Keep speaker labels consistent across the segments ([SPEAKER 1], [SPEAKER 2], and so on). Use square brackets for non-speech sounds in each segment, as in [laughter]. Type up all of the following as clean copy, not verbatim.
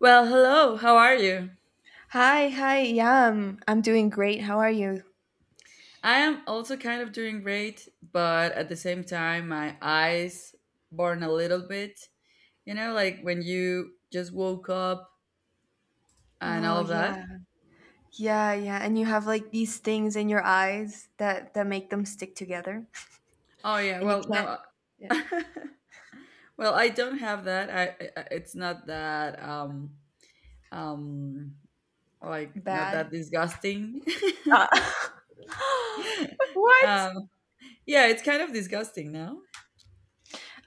[SPEAKER 1] Well, hello, how are you?
[SPEAKER 2] Hi, hi. Yeah, I'm doing great. How are you?
[SPEAKER 1] I am also kind of doing great, but at the same time, my eyes burn a little bit. You know, like when you just woke up and
[SPEAKER 2] Oh,
[SPEAKER 1] all of
[SPEAKER 2] yeah.
[SPEAKER 1] that.
[SPEAKER 2] Yeah, yeah. And you have like these things in your eyes that make them stick together
[SPEAKER 1] Oh, yeah,
[SPEAKER 2] [laughs] and you
[SPEAKER 1] well,
[SPEAKER 2] can't
[SPEAKER 1] no.
[SPEAKER 2] yeah,
[SPEAKER 1] [laughs] Well, I don't have that. It's not that, um, like, not
[SPEAKER 2] bad.
[SPEAKER 1] that disgusting.
[SPEAKER 2] Uh, [laughs]
[SPEAKER 1] [laughs]
[SPEAKER 2] what?
[SPEAKER 1] um, yeah, it's kind of disgusting now.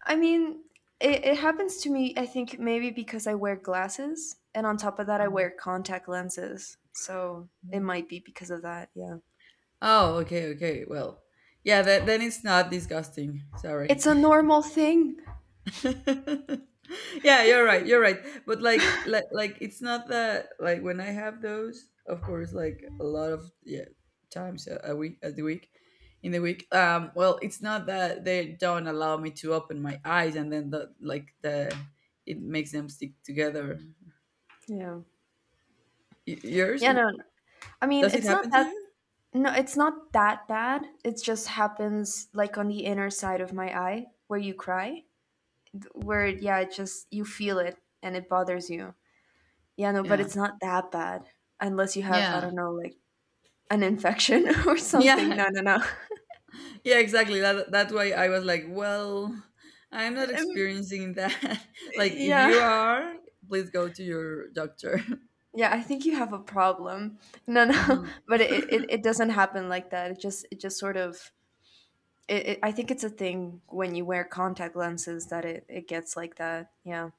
[SPEAKER 2] I mean, it happens to me, I think maybe because I wear glasses and on top of that I wear
[SPEAKER 1] Um,
[SPEAKER 2] contact lenses. So, it
[SPEAKER 1] yeah.
[SPEAKER 2] might be because of that. Yeah.
[SPEAKER 1] Oh, okay, okay. Well, yeah, that, then it's not disgusting. Sorry.
[SPEAKER 2] It's a normal thing.
[SPEAKER 1] [laughs] Yeah, you're right. You're right. But like, it's not that. Like when I have those, of course, like a lot of yeah times a week, at the week, in the week. Well, it's not that they don't allow me to open my eyes, and then the like the it makes them stick together.
[SPEAKER 2] Yeah.
[SPEAKER 1] Y- yours?
[SPEAKER 2] Yeah, no, no. I mean,
[SPEAKER 1] Does it
[SPEAKER 2] it's not
[SPEAKER 1] happen to
[SPEAKER 2] that.
[SPEAKER 1] you?
[SPEAKER 2] No, it's not that bad. It just happens like on the inner side of my eye where you cry, where, yeah, it just, you feel it and it bothers you. Yeah, no, but
[SPEAKER 1] Yeah.
[SPEAKER 2] it's not that bad unless you have, I
[SPEAKER 1] Yeah. [laughs]
[SPEAKER 2] don't know, like an infection [laughs] or something.
[SPEAKER 1] Yeah.
[SPEAKER 2] No, no, no.
[SPEAKER 1] Yeah, exactly. That's why I was like, well, I'm not
[SPEAKER 2] Um,
[SPEAKER 1] experiencing that. [laughs] Like, if
[SPEAKER 2] yeah.
[SPEAKER 1] you are, please go to your doctor. [laughs]
[SPEAKER 2] Yeah, I think you have a problem. No, no, [laughs]
[SPEAKER 1] Mhm.
[SPEAKER 2] but it, it,
[SPEAKER 1] [laughs]
[SPEAKER 2] it doesn't happen like that. It just sort of, I think it's a thing when you wear contact lenses that it gets like that. Yeah.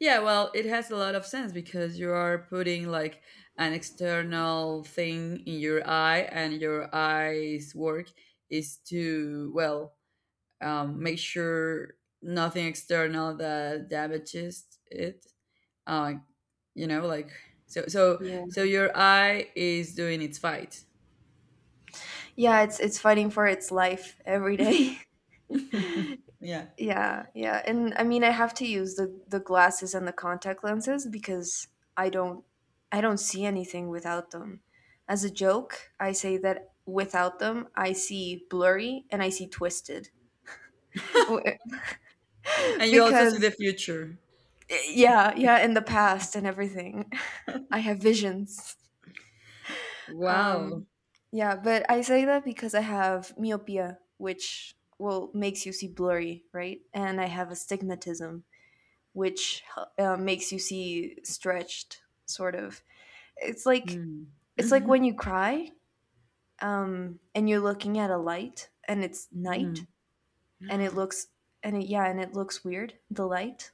[SPEAKER 1] Yeah, well, it has a lot of sense because you are putting like an external thing in your eye, and your eye's work is to well make sure nothing external that damages it. uh you know, like so so
[SPEAKER 2] Yeah.
[SPEAKER 1] so your eye is doing its fight.
[SPEAKER 2] Yeah, it's fighting for its life every day.
[SPEAKER 1] [laughs] Yeah.
[SPEAKER 2] [laughs] yeah, yeah. And I mean, I have to use the glasses and the contact lenses because I don't I don't see anything without them. As a joke, I say that without them, I see blurry and I see twisted. [laughs]
[SPEAKER 1] And you also see the
[SPEAKER 2] because
[SPEAKER 1] future.
[SPEAKER 2] yeah, yeah, in the past and everything. [laughs] I have visions.
[SPEAKER 1] Wow.
[SPEAKER 2] Um, yeah, but I say that because I have myopia, which well makes you see blurry, right? And I have astigmatism, which makes you see stretched, sort of. It's like
[SPEAKER 1] Mm.
[SPEAKER 2] it's like
[SPEAKER 1] Mhm,
[SPEAKER 2] when you cry, and you're looking at a light, and it's night,
[SPEAKER 1] mhm.
[SPEAKER 2] and it
[SPEAKER 1] [laughs]
[SPEAKER 2] looks and it, yeah, and it looks weird. The light.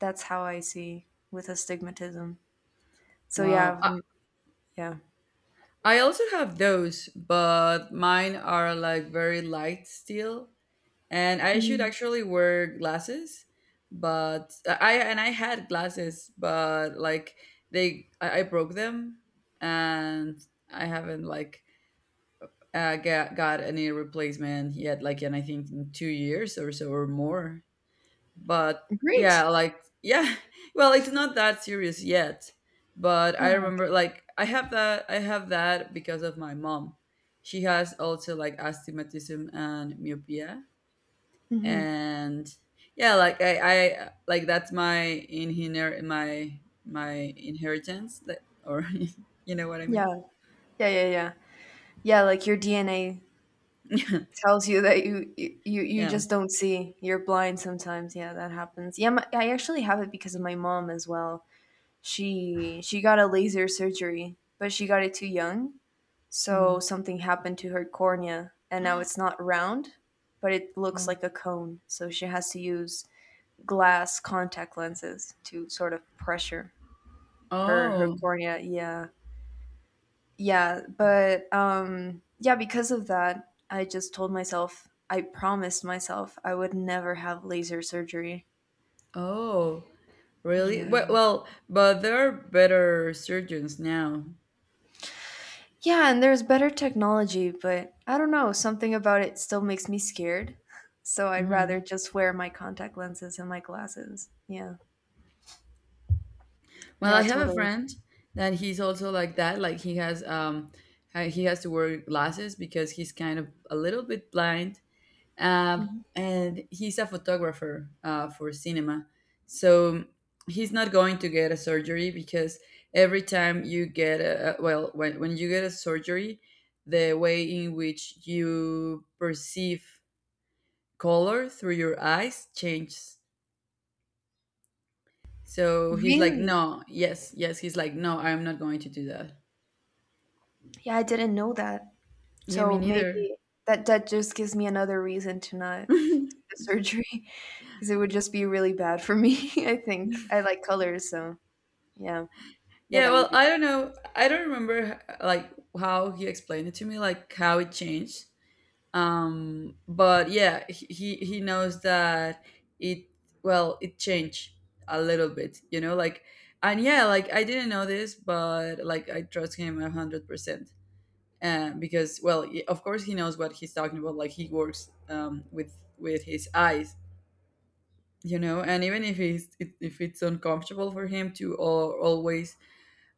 [SPEAKER 2] That's how I see with astigmatism.
[SPEAKER 1] [gasps]
[SPEAKER 2] So
[SPEAKER 1] Wow.
[SPEAKER 2] yeah, yeah.
[SPEAKER 1] I also have those, but mine are like very light still, and I should
[SPEAKER 2] Mm.
[SPEAKER 1] actually wear glasses, but I had glasses, but like I broke them, and I haven't like got a knee replacement yet, like, and I think in 2 years or so or more. But
[SPEAKER 2] Great.
[SPEAKER 1] yeah, like, yeah, [laughs] well, it's not that serious yet. But I
[SPEAKER 2] Huh.
[SPEAKER 1] remember, like, I have that because of my mom. She has also like astigmatism and myopia,
[SPEAKER 2] Hmm.
[SPEAKER 1] and yeah, like I like that's my inheritance, that, or [laughs] you know what I mean?
[SPEAKER 2] Yeah, yeah, yeah, yeah. Yeah, like your DNA tells you that you you you
[SPEAKER 1] [laughs]
[SPEAKER 2] you
[SPEAKER 1] Yeah.
[SPEAKER 2] just don't see. You're blind sometimes. Yeah, that happens. Yeah, my, I actually have it because of my mom as well. She got a laser surgery, but she got it too young, so
[SPEAKER 1] Mhm.
[SPEAKER 2] something happened to her cornea, and now it's
[SPEAKER 1] [gasps]
[SPEAKER 2] not round, but it looks
[SPEAKER 1] Oh.
[SPEAKER 2] like a cone. So she has to use glass contact lenses to sort of pressure her
[SPEAKER 1] Oh.
[SPEAKER 2] cornea. Yeah, yeah, but yeah, because of that, I just told myself, I promised myself I would never have laser surgery.
[SPEAKER 1] Oh, really?
[SPEAKER 2] Yeah.
[SPEAKER 1] Well, well, but there are better surgeons now.
[SPEAKER 2] Yeah, and there's better technology, but I don't know, something about it still makes me scared. [laughs] So I'd rather
[SPEAKER 1] Hmm.
[SPEAKER 2] just wear my contact lenses and my glasses. Yeah.
[SPEAKER 1] Well,
[SPEAKER 2] Yeah,
[SPEAKER 1] I have a
[SPEAKER 2] totally.
[SPEAKER 1] friend that he's also like that. Like he has to wear glasses because he's kind of a little bit blind. Uh,
[SPEAKER 2] Mhm.
[SPEAKER 1] and he's a photographer for cinema, so he's not going to get a surgery because every time you get well, when you get a surgery, the way in which you perceive color through your eyes changes. So he's like,
[SPEAKER 2] Really?
[SPEAKER 1] no, yes, yes. He's like, no, I'm not going to do that.
[SPEAKER 2] Yeah, I didn't know that.
[SPEAKER 1] Yeah, me
[SPEAKER 2] So
[SPEAKER 1] neither.
[SPEAKER 2] maybe that just gives me another reason to not [laughs] do
[SPEAKER 1] [laughs]
[SPEAKER 2] the surgery [laughs] because it would just be really bad for me, [laughs] I think. I like colors, so yeah. Yeah,
[SPEAKER 1] Yeah,
[SPEAKER 2] that
[SPEAKER 1] well,
[SPEAKER 2] would be
[SPEAKER 1] I don't
[SPEAKER 2] bad.
[SPEAKER 1] know. I don't remember like how he explained it to me, like how it changed. But yeah, he knows that it well it changed a little bit, you know, like and yeah, like I didn't know this, but like I trust him 100%. Because well of course he knows what he's talking about, like he works with his eyes, you know. And even if he's if it's uncomfortable for him to always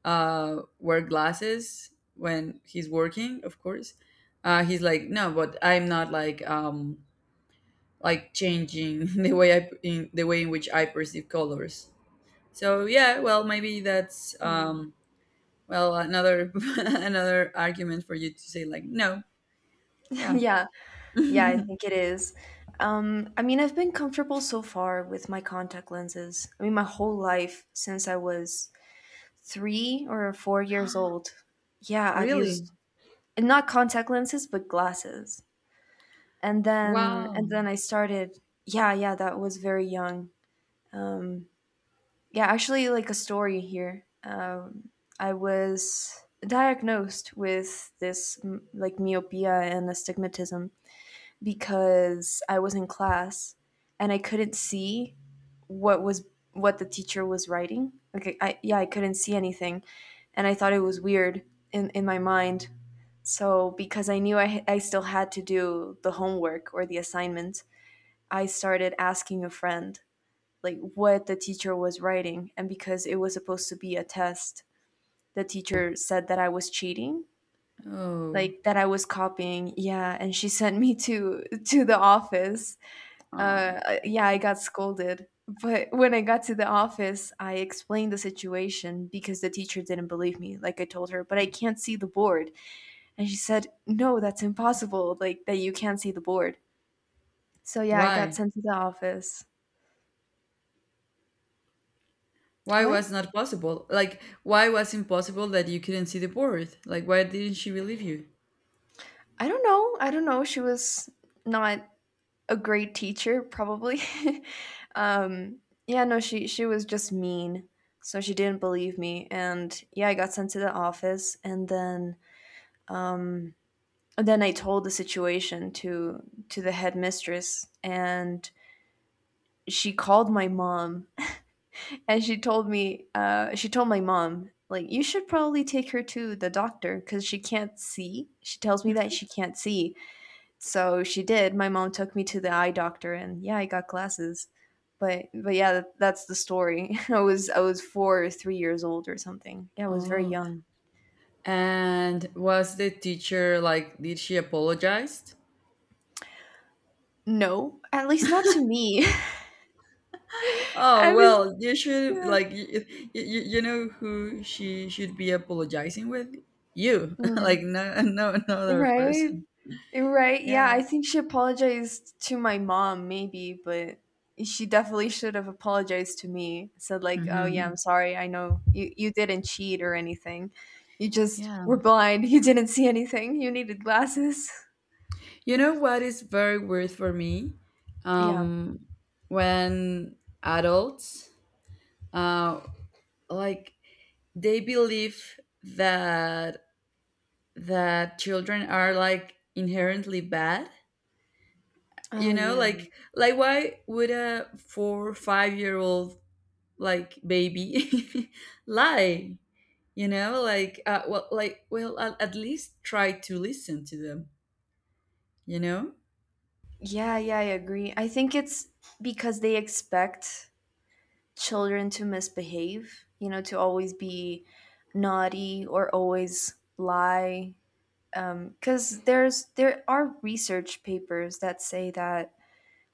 [SPEAKER 1] wear glasses when he's working, of course he's like, no, but I'm not like like changing [laughs] the way I in the way in which I perceive colors. So yeah, well maybe that's
[SPEAKER 2] Yeah.
[SPEAKER 1] well another [laughs] another argument for you to say like no.
[SPEAKER 2] [laughs]
[SPEAKER 1] Yeah.
[SPEAKER 2] Yeah. Yeah, I
[SPEAKER 1] [laughs]
[SPEAKER 2] think it is. I mean, I've been comfortable so far with my contact lenses. I mean, my whole life since I was 3 or 4 years old. Yeah, I've
[SPEAKER 1] Really?
[SPEAKER 2] used not contact lenses, but glasses. And then and
[SPEAKER 1] Wow.
[SPEAKER 2] then I started yeah, yeah, that was very young. Um, yeah, actually, like a story here. I was diagnosed with this like myopia and astigmatism because I was in class and I couldn't see what was what the teacher was writing. Okay, I yeah, I couldn't see anything, and I thought it was weird in my mind. So because I knew I I still had to do the homework or the assignment, I started asking a friend like what the teacher was writing. And because it was supposed to be a test, the teacher said that I was cheating,
[SPEAKER 1] Oh,
[SPEAKER 2] like that I was copying. Yeah, and she sent me to the office.
[SPEAKER 1] oh my God.
[SPEAKER 2] Yeah, I got scolded, but when I got to the office, I explained the situation because the teacher didn't believe me. Like, I told her, but I can't see the board. And she said, no, that's impossible, like that you can't see the board. So yeah, I got
[SPEAKER 1] Why?
[SPEAKER 2] sent to the office.
[SPEAKER 1] Why
[SPEAKER 2] What?
[SPEAKER 1] was not possible? Like, why was impossible that you couldn't see the board? Like, why didn't she believe you?
[SPEAKER 2] I don't know, I don't know. She was not a great teacher, probably. [laughs] um, yeah, no, she was just mean, so she didn't believe me, and yeah, I got sent to the office, and then I told the situation to the headmistress, and she called my mom, [laughs] and she told me, she told my mom, like, you should probably take her to the doctor because she can't see. She tells me that she can't see. So she did. My mom took me to the eye doctor, and yeah, I got glasses. But yeah, that, that's the story. [laughs] I was 4 or 3 years old or something. Yeah, I was very
[SPEAKER 1] Oh.
[SPEAKER 2] young.
[SPEAKER 1] And was the teacher like, did she apologize?
[SPEAKER 2] No, at least not to me. [laughs]
[SPEAKER 1] Oh,
[SPEAKER 2] At least,
[SPEAKER 1] well, you should
[SPEAKER 2] uh,
[SPEAKER 1] like you, you know who she should be apologizing with? You. [laughs] Like,
[SPEAKER 2] mm,
[SPEAKER 1] no no no
[SPEAKER 2] [laughs]
[SPEAKER 1] other
[SPEAKER 2] right,
[SPEAKER 1] person.
[SPEAKER 2] right. Yeah, I
[SPEAKER 1] Yes.
[SPEAKER 2] think she apologized to my mom, maybe, but she definitely should have apologized to me. Said like, "Oh yeah,
[SPEAKER 1] Mhm.
[SPEAKER 2] I'm sorry. I know you didn't cheat or anything. You just
[SPEAKER 1] Yeah.
[SPEAKER 2] were blind. [laughs] You didn't see anything. You needed glasses." [laughs]
[SPEAKER 1] You know what is very weird for me?
[SPEAKER 2] Yeah.
[SPEAKER 1] Um, when adults, uh, like they believe that children are like inherently bad. You
[SPEAKER 2] Oh,
[SPEAKER 1] know,
[SPEAKER 2] yeah.
[SPEAKER 1] like why would a four five year old like baby [laughs] lie? You know, like well, like well, at least try to listen to them. You know.
[SPEAKER 2] Yeah, yeah, I agree. I think it's because they expect children to misbehave, you know, to always be naughty or always lie. Because there are research papers that say that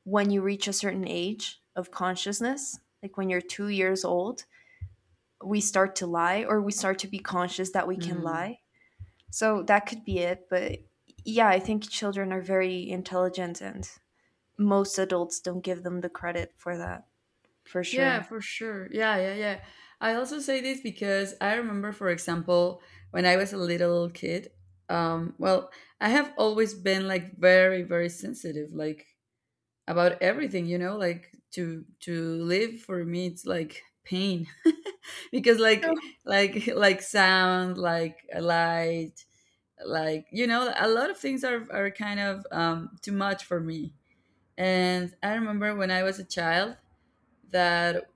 [SPEAKER 2] when you reach a certain age of consciousness, like when you're 2 years old, we start to lie or we start to be conscious that we can
[SPEAKER 1] Hmm.
[SPEAKER 2] lie. So that could be it. But yeah, I think children are very intelligent and most adults don't give them the credit for that, for
[SPEAKER 1] Yeah,
[SPEAKER 2] sure.
[SPEAKER 1] for sure. Yeah, yeah, yeah. I also say this because I remember, for example, when I was a little kid, well, I have always been like very, very sensitive, like about everything, you know, like to live for me, it's like pain [laughs] because
[SPEAKER 2] Oh.
[SPEAKER 1] like sound, like a light, like you know, a lot of things are kind of too much for me. And I remember when I was a child that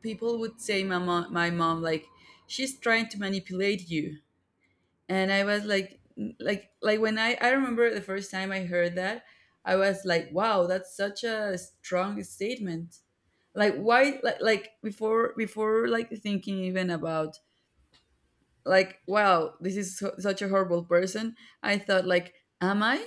[SPEAKER 1] people would say my mom like she's trying to manipulate you. And I was like when I remember the first time I heard that, I was like, wow, that's such a strong statement. Like why, like, before like thinking even about like, wow, this is so, such a horrible person. I thought like, am I,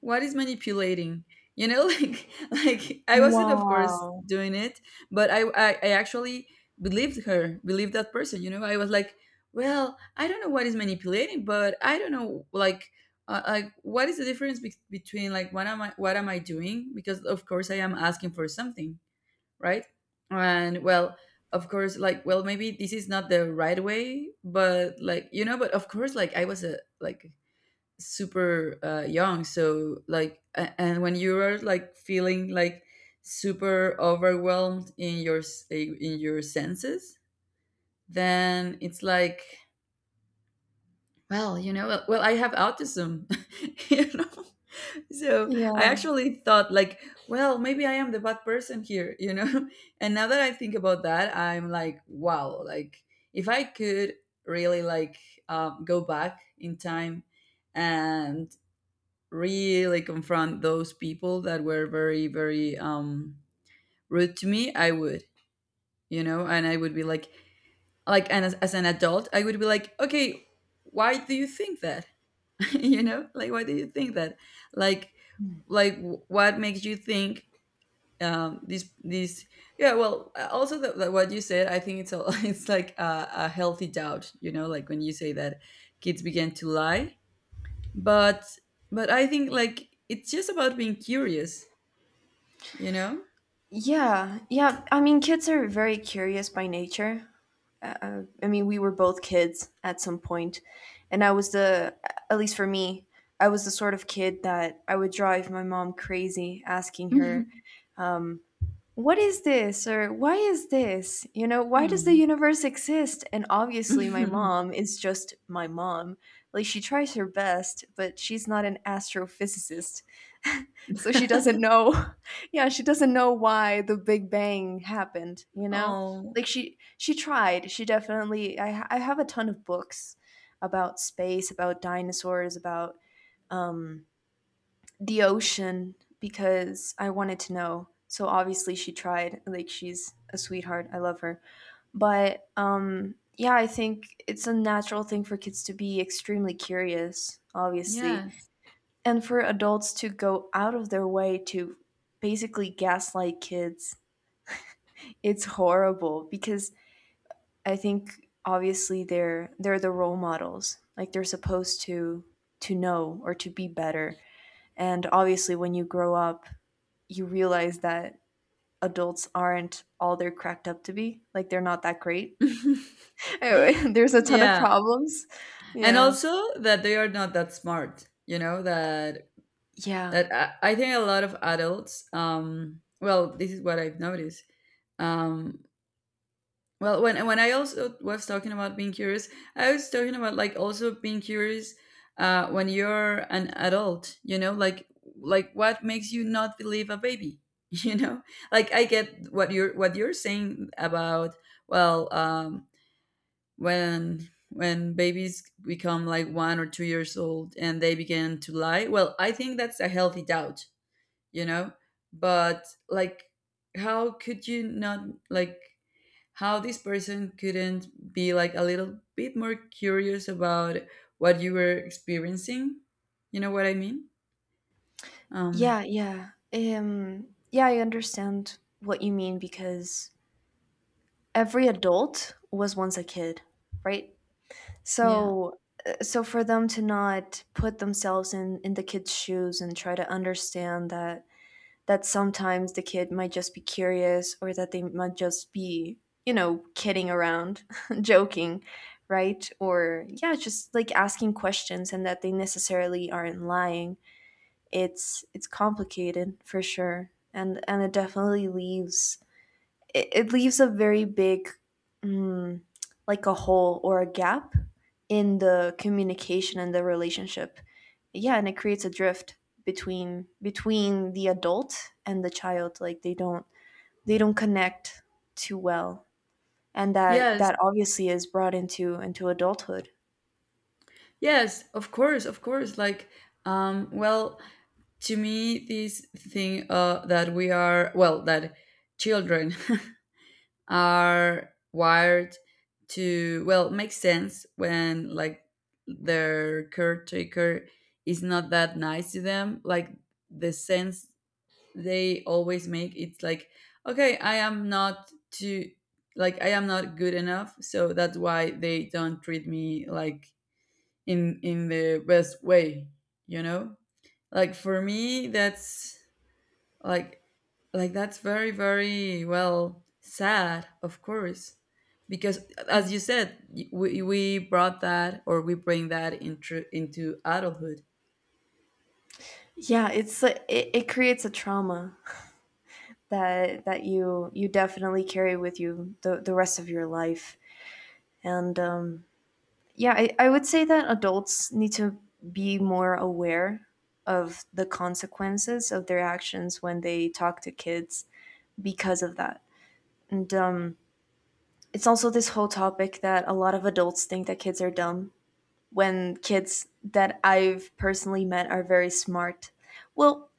[SPEAKER 1] what is manipulating? You know, [laughs] like I wasn't of course
[SPEAKER 2] Wow.
[SPEAKER 1] doing it, but I actually believed that person. You know, I was like, well, I don't know what is manipulating, but I don't know like what is the difference between, like what am I doing? Because of course I am asking for something, right? And well, of course, like well maybe this is not the right way, but like you know, but of course like I was a like super young, so like and when you are like feeling like super overwhelmed in your in your senses, then it's like, well you know, well, well I have autism. [laughs] You know, so I
[SPEAKER 2] Yeah.
[SPEAKER 1] actually thought like, well maybe I am the bad person here, you know. [laughs] And now that I think about that, I'm like, wow, like if I could really like go back in time and really confront those people that were very very rude to me, I would. You know. And I would be like and as an adult I would be like, okay, why do you think that? [laughs] You know, like why do you think that? like like what makes you think this. Yeah, well also that that what you said, I think it's a [laughs] it's like a healthy doubt, you know, like when you say that kids begin to lie, but I think like it's just about being curious, you know?
[SPEAKER 2] Yeah, yeah. I mean, kids are very curious by nature. I mean, we were both kids at some point, and I was the, at least for me, I was the sort of kid that I would drive my mom crazy asking her,
[SPEAKER 1] Mhm.
[SPEAKER 2] um, what is this or why is this, you know, why does the
[SPEAKER 1] Hmm.
[SPEAKER 2] universe exist. And obviously my mom
[SPEAKER 1] [laughs]
[SPEAKER 2] is just my mom, like she tries her best, but she's not an astrophysicist. [laughs] So she doesn't know. [laughs] Yeah, she doesn't know why the big bang happened, you know.
[SPEAKER 1] Oh,
[SPEAKER 2] Like she tried. She definitely I have a ton of books about space, about dinosaurs, about um the ocean, because I wanted to know. So obviously she tried. Like she's a sweetheart. I love her. But yeah, I think it's a natural thing for kids to be extremely curious, obviously.
[SPEAKER 1] yes.
[SPEAKER 2] And for adults to go out of their way to basically gaslight kids, it's horrible because I think obviously they're the role models. Like they're supposed to know or to be better. And obviously when you grow up, you realize that adults aren't all they're cracked up to be. Like they're not that great. [laughs]
[SPEAKER 1] [laughs]
[SPEAKER 2] Anyway, [laughs] there's a ton of
[SPEAKER 1] Yeah.
[SPEAKER 2] problems.
[SPEAKER 1] And
[SPEAKER 2] Yeah.
[SPEAKER 1] also that they are not that smart, you know, that
[SPEAKER 2] Yeah.
[SPEAKER 1] I think a lot of adults, well, this is what I've noticed. Um, Well, when I also was talking about being curious, I was talking about like also being curious when you're an adult. You know, like what makes you not believe a baby? [laughs] You know, like I get what you're saying about well, when babies become like 1 or 2 years old and they begin to lie. Well, I think that's a healthy doubt. You know, but like how could you not like how this person couldn't be like a little bit more curious about what you were experiencing, you know what I mean? um
[SPEAKER 2] Yeah, yeah. Yeah, I understand what you mean because every adult was once a kid, right?
[SPEAKER 1] yeah.
[SPEAKER 2] So so for them to not put themselves in the kids' shoes and try to understand that sometimes the kid might just be curious or that they might just be, you know, kidding around, [laughs] joking, right? Or yeah, just like asking questions and that they necessarily aren't lying. It's complicated for sure. And it definitely leaves it leaves a very big mm, like a hole or a gap in the communication and the relationship. Yeah, and it creates a drift between the adult and the child. Like they don't connect too well. And that
[SPEAKER 1] Yes,
[SPEAKER 2] that obviously is brought into adulthood.
[SPEAKER 1] yes, of course, of course, like well, to me this thing that we are, well that children [laughs] are wired to well make sense when like their caretaker is not that nice to them, like the sense they always make, it's like, okay, I am not too, like I am not good enough, so that's why they don't treat me like in the best way, you know. Like for me that's like like that's very very well sad, of course, because as you said, we brought that or we bring that into adulthood.
[SPEAKER 2] Yeah, it's like- it creates a trauma that you definitely carry with you the rest of your life. And yeah, I would say that adults need to be more aware of the consequences of their actions when they talk to kids, because of that. And it's also this whole topic that a lot of adults think that kids are dumb, when kids that I've personally met are very smart. Well,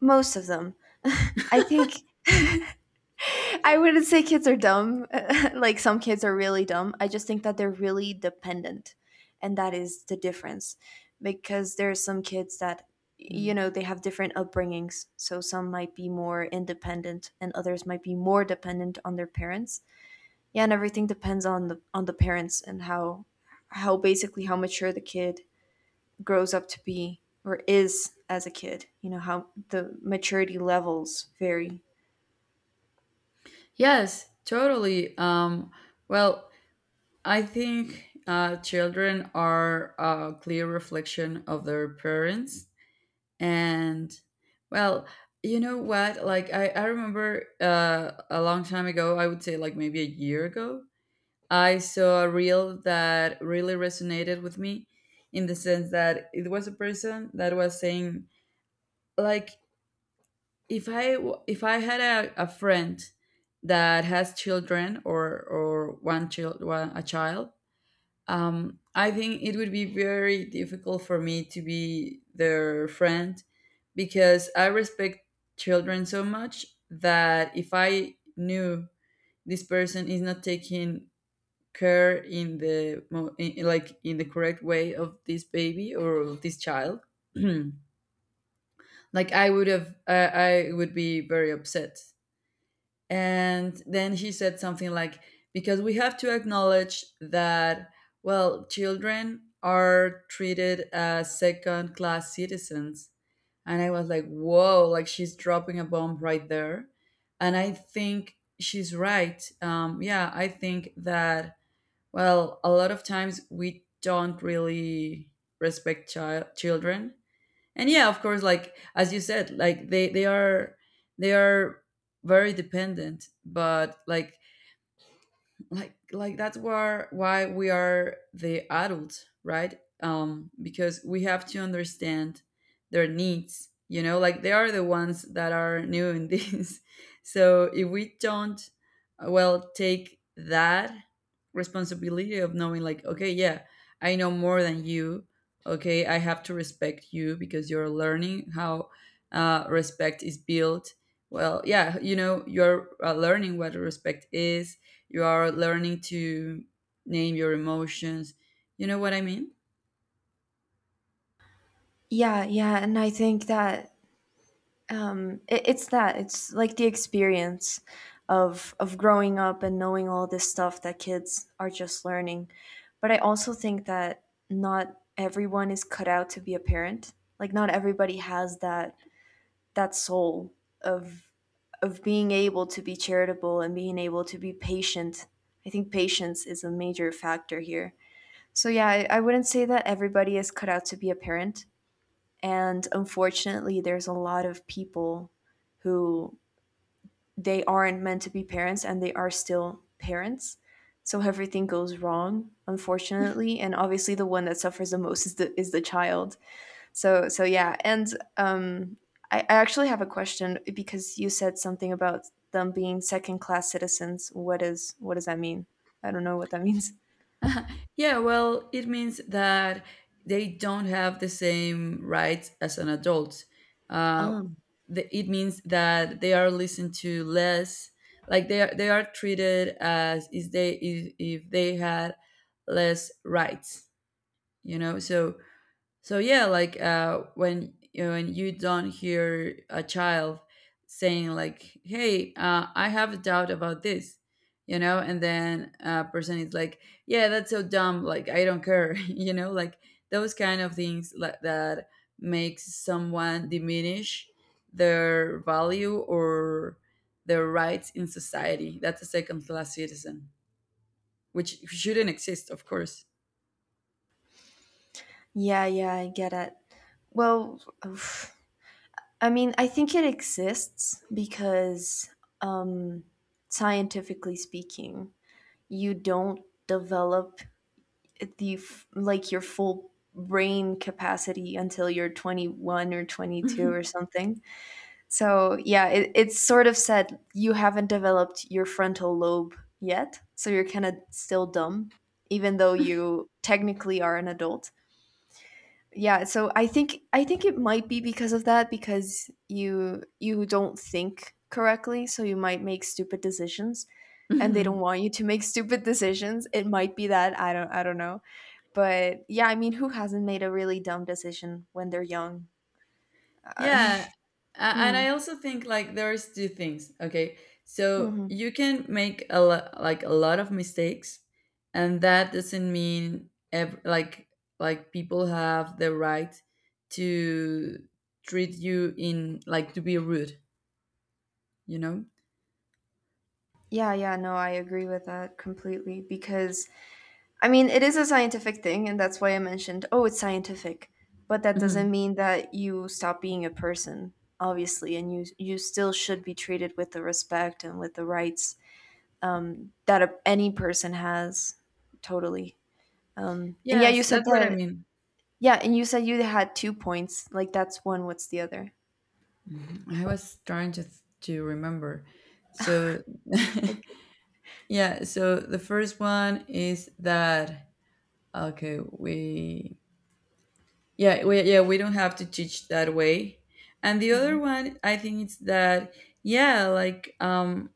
[SPEAKER 2] most of them, I think. I wouldn't say kids are dumb. [laughs] Like some kids are really dumb. I just think that they're really dependent. And that is the difference, because there are some kids that, you
[SPEAKER 1] Mm.
[SPEAKER 2] know, they have different upbringings. So some might be more independent and others might be more dependent on their parents. Yeah, and everything depends on the parents and how basically how mature the kid grows up to be or is as a kid. You know, how the maturity levels vary.
[SPEAKER 1] Yes, totally. Well, I think children are a clear reflection of their parents. And, well, you know what? Like, I remember a long time ago, I would say like maybe a year ago, I saw a reel that really resonated with me in the sense that it was a person that was saying, like, if I had a friend that has children, or one child, a child, I think it would be very difficult for me to be their friend because I respect children so much that if I knew this person is not taking care in the like in the correct way of this baby or of this child [clears throat] like I would have I would be very upset. And then he said something like, because we have to acknowledge that, well, children are treated as second class citizens. And I was like, whoa, like she's dropping a bomb right there. And I think she's right. Yeah, I think that, well, a lot of times we don't really respect children, and yeah, of course, like as you said, like they are they are very dependent, but like that's where why we are the adults, right? Because we have to understand their needs, you know, like they are the ones that are new in this [laughs] so if we don't well take that responsibility of knowing like, okay, yeah, I know more than you. Okay, I have to respect you because you're learning how respect is built. Well, yeah, you know, you're learning what respect is. You are learning to name your emotions. You know what I mean?
[SPEAKER 2] Yeah, yeah, and I think that it's that it's like the experience of growing up and knowing all this stuff that kids are just learning, but I also think that not everyone is cut out to be a parent. Like not everybody has that soul of of being able to be charitable and being able to be patient. I think patience is a major factor here. So yeah, I wouldn't say that everybody is cut out to be a parent, and unfortunately, there's a lot of people who, they aren't meant to be parents and they are still parents. So everything goes wrong, unfortunately. And obviously, the one that suffers the most is the child. So yeah. And um, I actually have a question, because you said something about them being second class citizens. What does that mean? I don't know what that means.
[SPEAKER 1] Yeah, well, it means that they don't have the same rights as an adult. Uh, it means that they are listened to less, like they are treated as is they if they had less rights. You know, so so yeah, like when you know, when you don't hear a child saying like, "Hey, I have a doubt about this," you know, and then a person is like, "Yeah, that's so dumb. Like, I don't care," [laughs] you know, like those kind of things, like that makes someone diminish their value or their rights in society. That's a second class citizen, which shouldn't exist, of course.
[SPEAKER 2] Yeah, yeah, I get it. Well, oof. I mean, I think it exists because, um, scientifically speaking, you don't develop the f- like your full brain capacity until you're 21 or 22 or something. So, yeah, it's sort of said you haven't developed your frontal lobe yet, so you're kind of still dumb, even though you technically are an adult. Yeah, so I think it might be because of that, because you don't think correctly, so you might make stupid decisions, and they don't
[SPEAKER 1] [laughs]
[SPEAKER 2] want you to make [laughs] stupid decisions. It might be that, I don't know. But yeah, I mean, who hasn't made a really dumb decision when they're young? Uh,
[SPEAKER 1] Yeah.
[SPEAKER 2] [laughs]
[SPEAKER 1] And
[SPEAKER 2] hmm,
[SPEAKER 1] I also think like there's two things. Okay. So
[SPEAKER 2] mhm.
[SPEAKER 1] you can make a lot like a lot of mistakes, and that doesn't mean like people have the right to treat you in like to be rude, you know?
[SPEAKER 2] Yeah, yeah, no, I agree with that completely, because I mean, it is a scientific thing, and that's why I mentioned, oh, it's scientific. But that
[SPEAKER 1] Mhm.
[SPEAKER 2] doesn't mean that you stop being a person, obviously, and you still should be treated with the respect and with the rights that any person has. Totally. And yeah, you
[SPEAKER 1] Yes,
[SPEAKER 2] said
[SPEAKER 1] that's what I
[SPEAKER 2] that.
[SPEAKER 1] mean.
[SPEAKER 2] Yeah, and you said you had two points. Like that's one. What's the other?
[SPEAKER 1] Mhm. I was trying to to remember. So
[SPEAKER 2] Okay.
[SPEAKER 1] [laughs] yeah, so the first one is that okay, we. Yeah, we don't have to teach that way. And the other
[SPEAKER 2] Mhm.
[SPEAKER 1] one, I think it's that, yeah, like,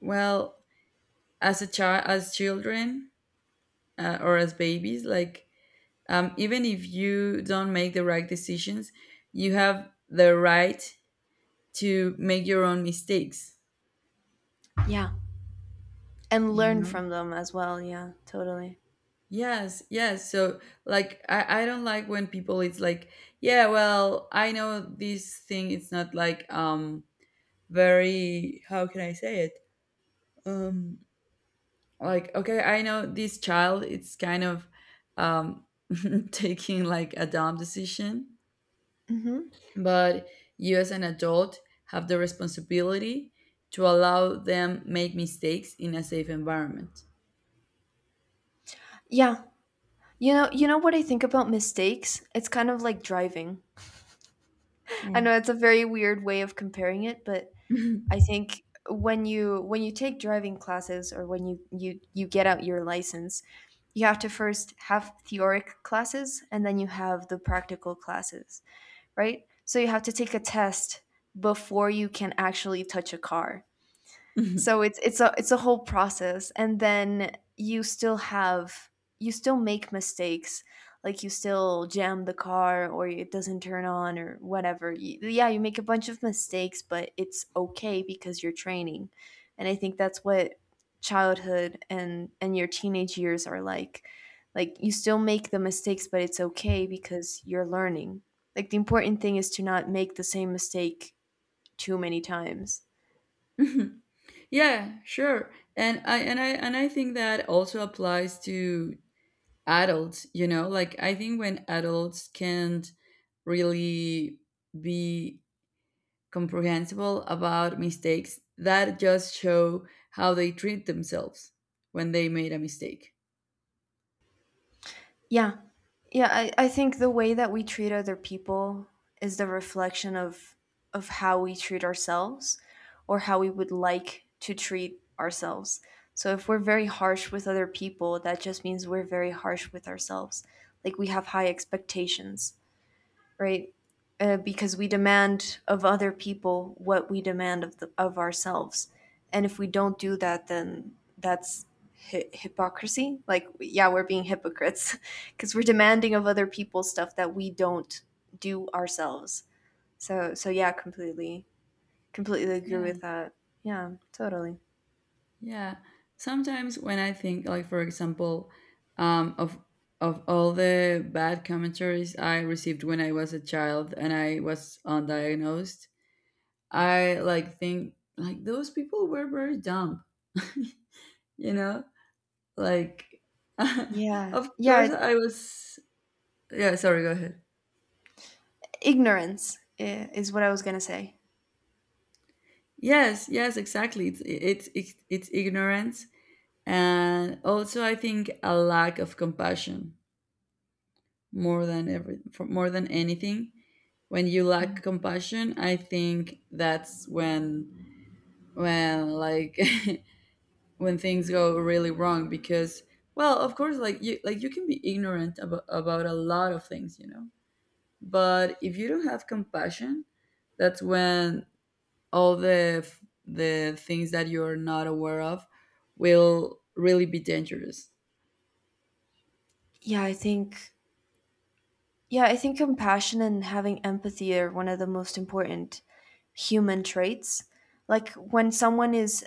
[SPEAKER 1] well, as a child, as children or as babies, like, even if you don't make the right decisions, you have the right to make your own mistakes,
[SPEAKER 2] Yeah, and
[SPEAKER 1] you
[SPEAKER 2] learn
[SPEAKER 1] know?
[SPEAKER 2] from them as well. Yeah, totally.
[SPEAKER 1] Yes, yes. So, like, I don't like when people, it's like, yeah, well, I know this thing, it's not like, very, how can I say it? um like okay, I know this child, it's kind of um [laughs] taking like a dumb decision,
[SPEAKER 2] Hmm.
[SPEAKER 1] but you as an adult have the responsibility to allow them make mistakes in a safe environment.
[SPEAKER 2] Yeah. You know what I think about mistakes? It's kind of like driving. I
[SPEAKER 1] Mm.
[SPEAKER 2] know it's a very weird way of comparing it, but I think when you take driving classes or when you get out your license, you have to first have theoric classes and then you have the practical classes, right? So you have to take a test before you can actually touch a car. So it's a whole process, and then you still make mistakes. Like you still jam the car or it doesn't turn on or whatever. Yeah, you make a bunch of mistakes, but it's okay because you're training. And I think that's what childhood and your teenage years are like. Like you still make the mistakes, but it's okay because you're learning. Like the important thing is to not make the same mistake too many times.
[SPEAKER 1] [laughs] Yeah, sure. And I think that also applies to adults, you know, like I think when adults can't really be comprehensible about mistakes, that just show how they treat themselves when they made a mistake.
[SPEAKER 2] Yeah. Yeah, I think the way that we treat other people is the reflection of how we treat ourselves, or how we would like to treat ourselves. So if we're very harsh with other people, that just means we're very harsh with ourselves. Like we have high expectations, right? Because we demand of other people what we demand of ourselves, and if we don't do that, then that's hypocrisy. Like, yeah, we're being hypocrites [laughs] because we're demanding of other people stuff that we don't do ourselves. So yeah, completely agree
[SPEAKER 1] Yeah,
[SPEAKER 2] with that. Yeah, totally.
[SPEAKER 1] yeah. Sometimes when I think, like for example, um, of of all the bad commentaries I received when I was a child and I was undiagnosed, I like think like those people were very dumb. [laughs] You know, like [laughs]
[SPEAKER 2] Yeah,
[SPEAKER 1] of course
[SPEAKER 2] yeah,
[SPEAKER 1] I was. Yeah, sorry. Go ahead.
[SPEAKER 2] ignorance is what I was gonna say.
[SPEAKER 1] Yes, yes, exactly. It's ignorance, and also I think a lack of compassion, more than every for more than anything. When you lack
[SPEAKER 2] Mm.
[SPEAKER 1] compassion, I think that's when like [laughs] when things go really wrong because well, of course, like you can be ignorant about a lot of things, you know. But if you don't have compassion, that's when all the the things that you're not aware of will really be dangerous.
[SPEAKER 2] Yeah, I think Yeah, I think compassion and having empathy are one of the most important human traits. Like when someone is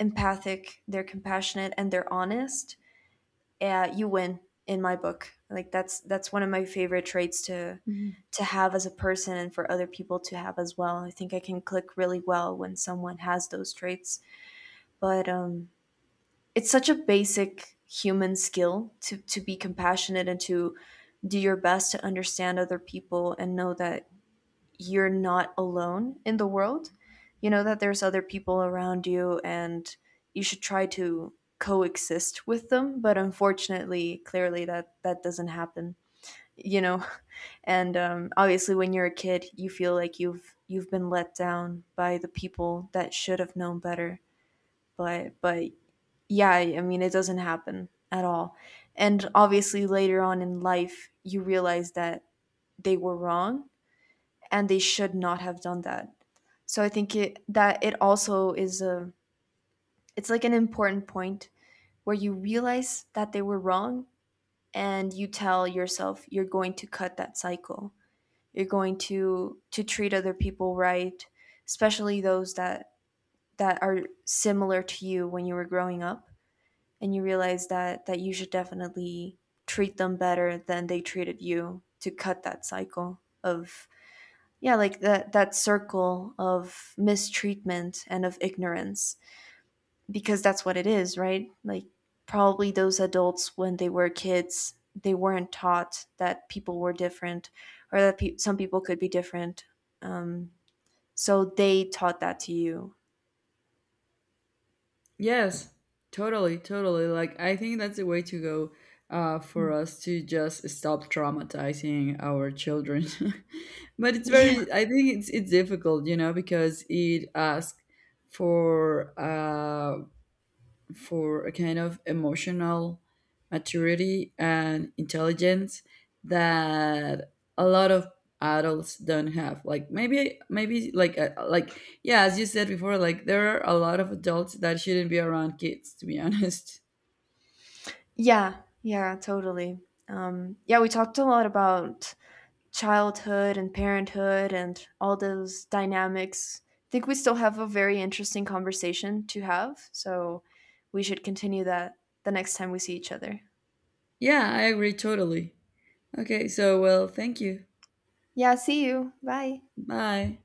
[SPEAKER 2] empathic, they're compassionate and they're honest, you win in my book. Like that's one of my favorite traits to
[SPEAKER 1] Mhm.
[SPEAKER 2] have as a person, and for other people to have as well. I think I can click really well when someone has those traits. But it's such a basic human skill to be compassionate and to do your best to understand other people and know that you're not alone in the world. You know that there's other people around you, and you should try to coexist with them, but unfortunately, clearly that doesn't happen, you know. [laughs] And obviously when you're a kid, you feel like you've been let down by the people that should have known better. But yeah, I mean it doesn't happen at all. And obviously later on in life, you realize that they were wrong and they should not have done that, so I think it also is a, it's like an important point where you realize that they were wrong, and you tell yourself you're going to cut that cycle. You're going to treat other people right, especially those that are similar to you when you were growing up, and you realize that you should definitely treat them better than they treated you, to cut that cycle of, yeah, like that circle of mistreatment and of ignorance. Because that's what it is, right? Like probably those adults, when they were kids, they weren't taught that people were different, or that some people could be different. Um, so they taught that to you.
[SPEAKER 1] Yes, totally, totally. Like I think that's the way to go
[SPEAKER 2] Mm.
[SPEAKER 1] for us to just stop traumatizing our children. [laughs] But
[SPEAKER 2] [laughs]
[SPEAKER 1] it's
[SPEAKER 2] Yeah,
[SPEAKER 1] very, I think it's difficult, you know, because it asks for uh, for a kind of emotional maturity and intelligence that a lot of adults don't have, like maybe like yeah, as you said before, like there are a lot of adults that shouldn't be around kids, to be [laughs] honest.
[SPEAKER 2] yeah, yeah, totally. Yeah, we talked a lot about childhood and parenthood and all those dynamics. I think we still have a very interesting conversation to have, so we should continue that the next time we see each other.
[SPEAKER 1] Yeah, I agree, totally. Okay, so well, thank you.
[SPEAKER 2] Yeah, see you. Bye.
[SPEAKER 1] Bye.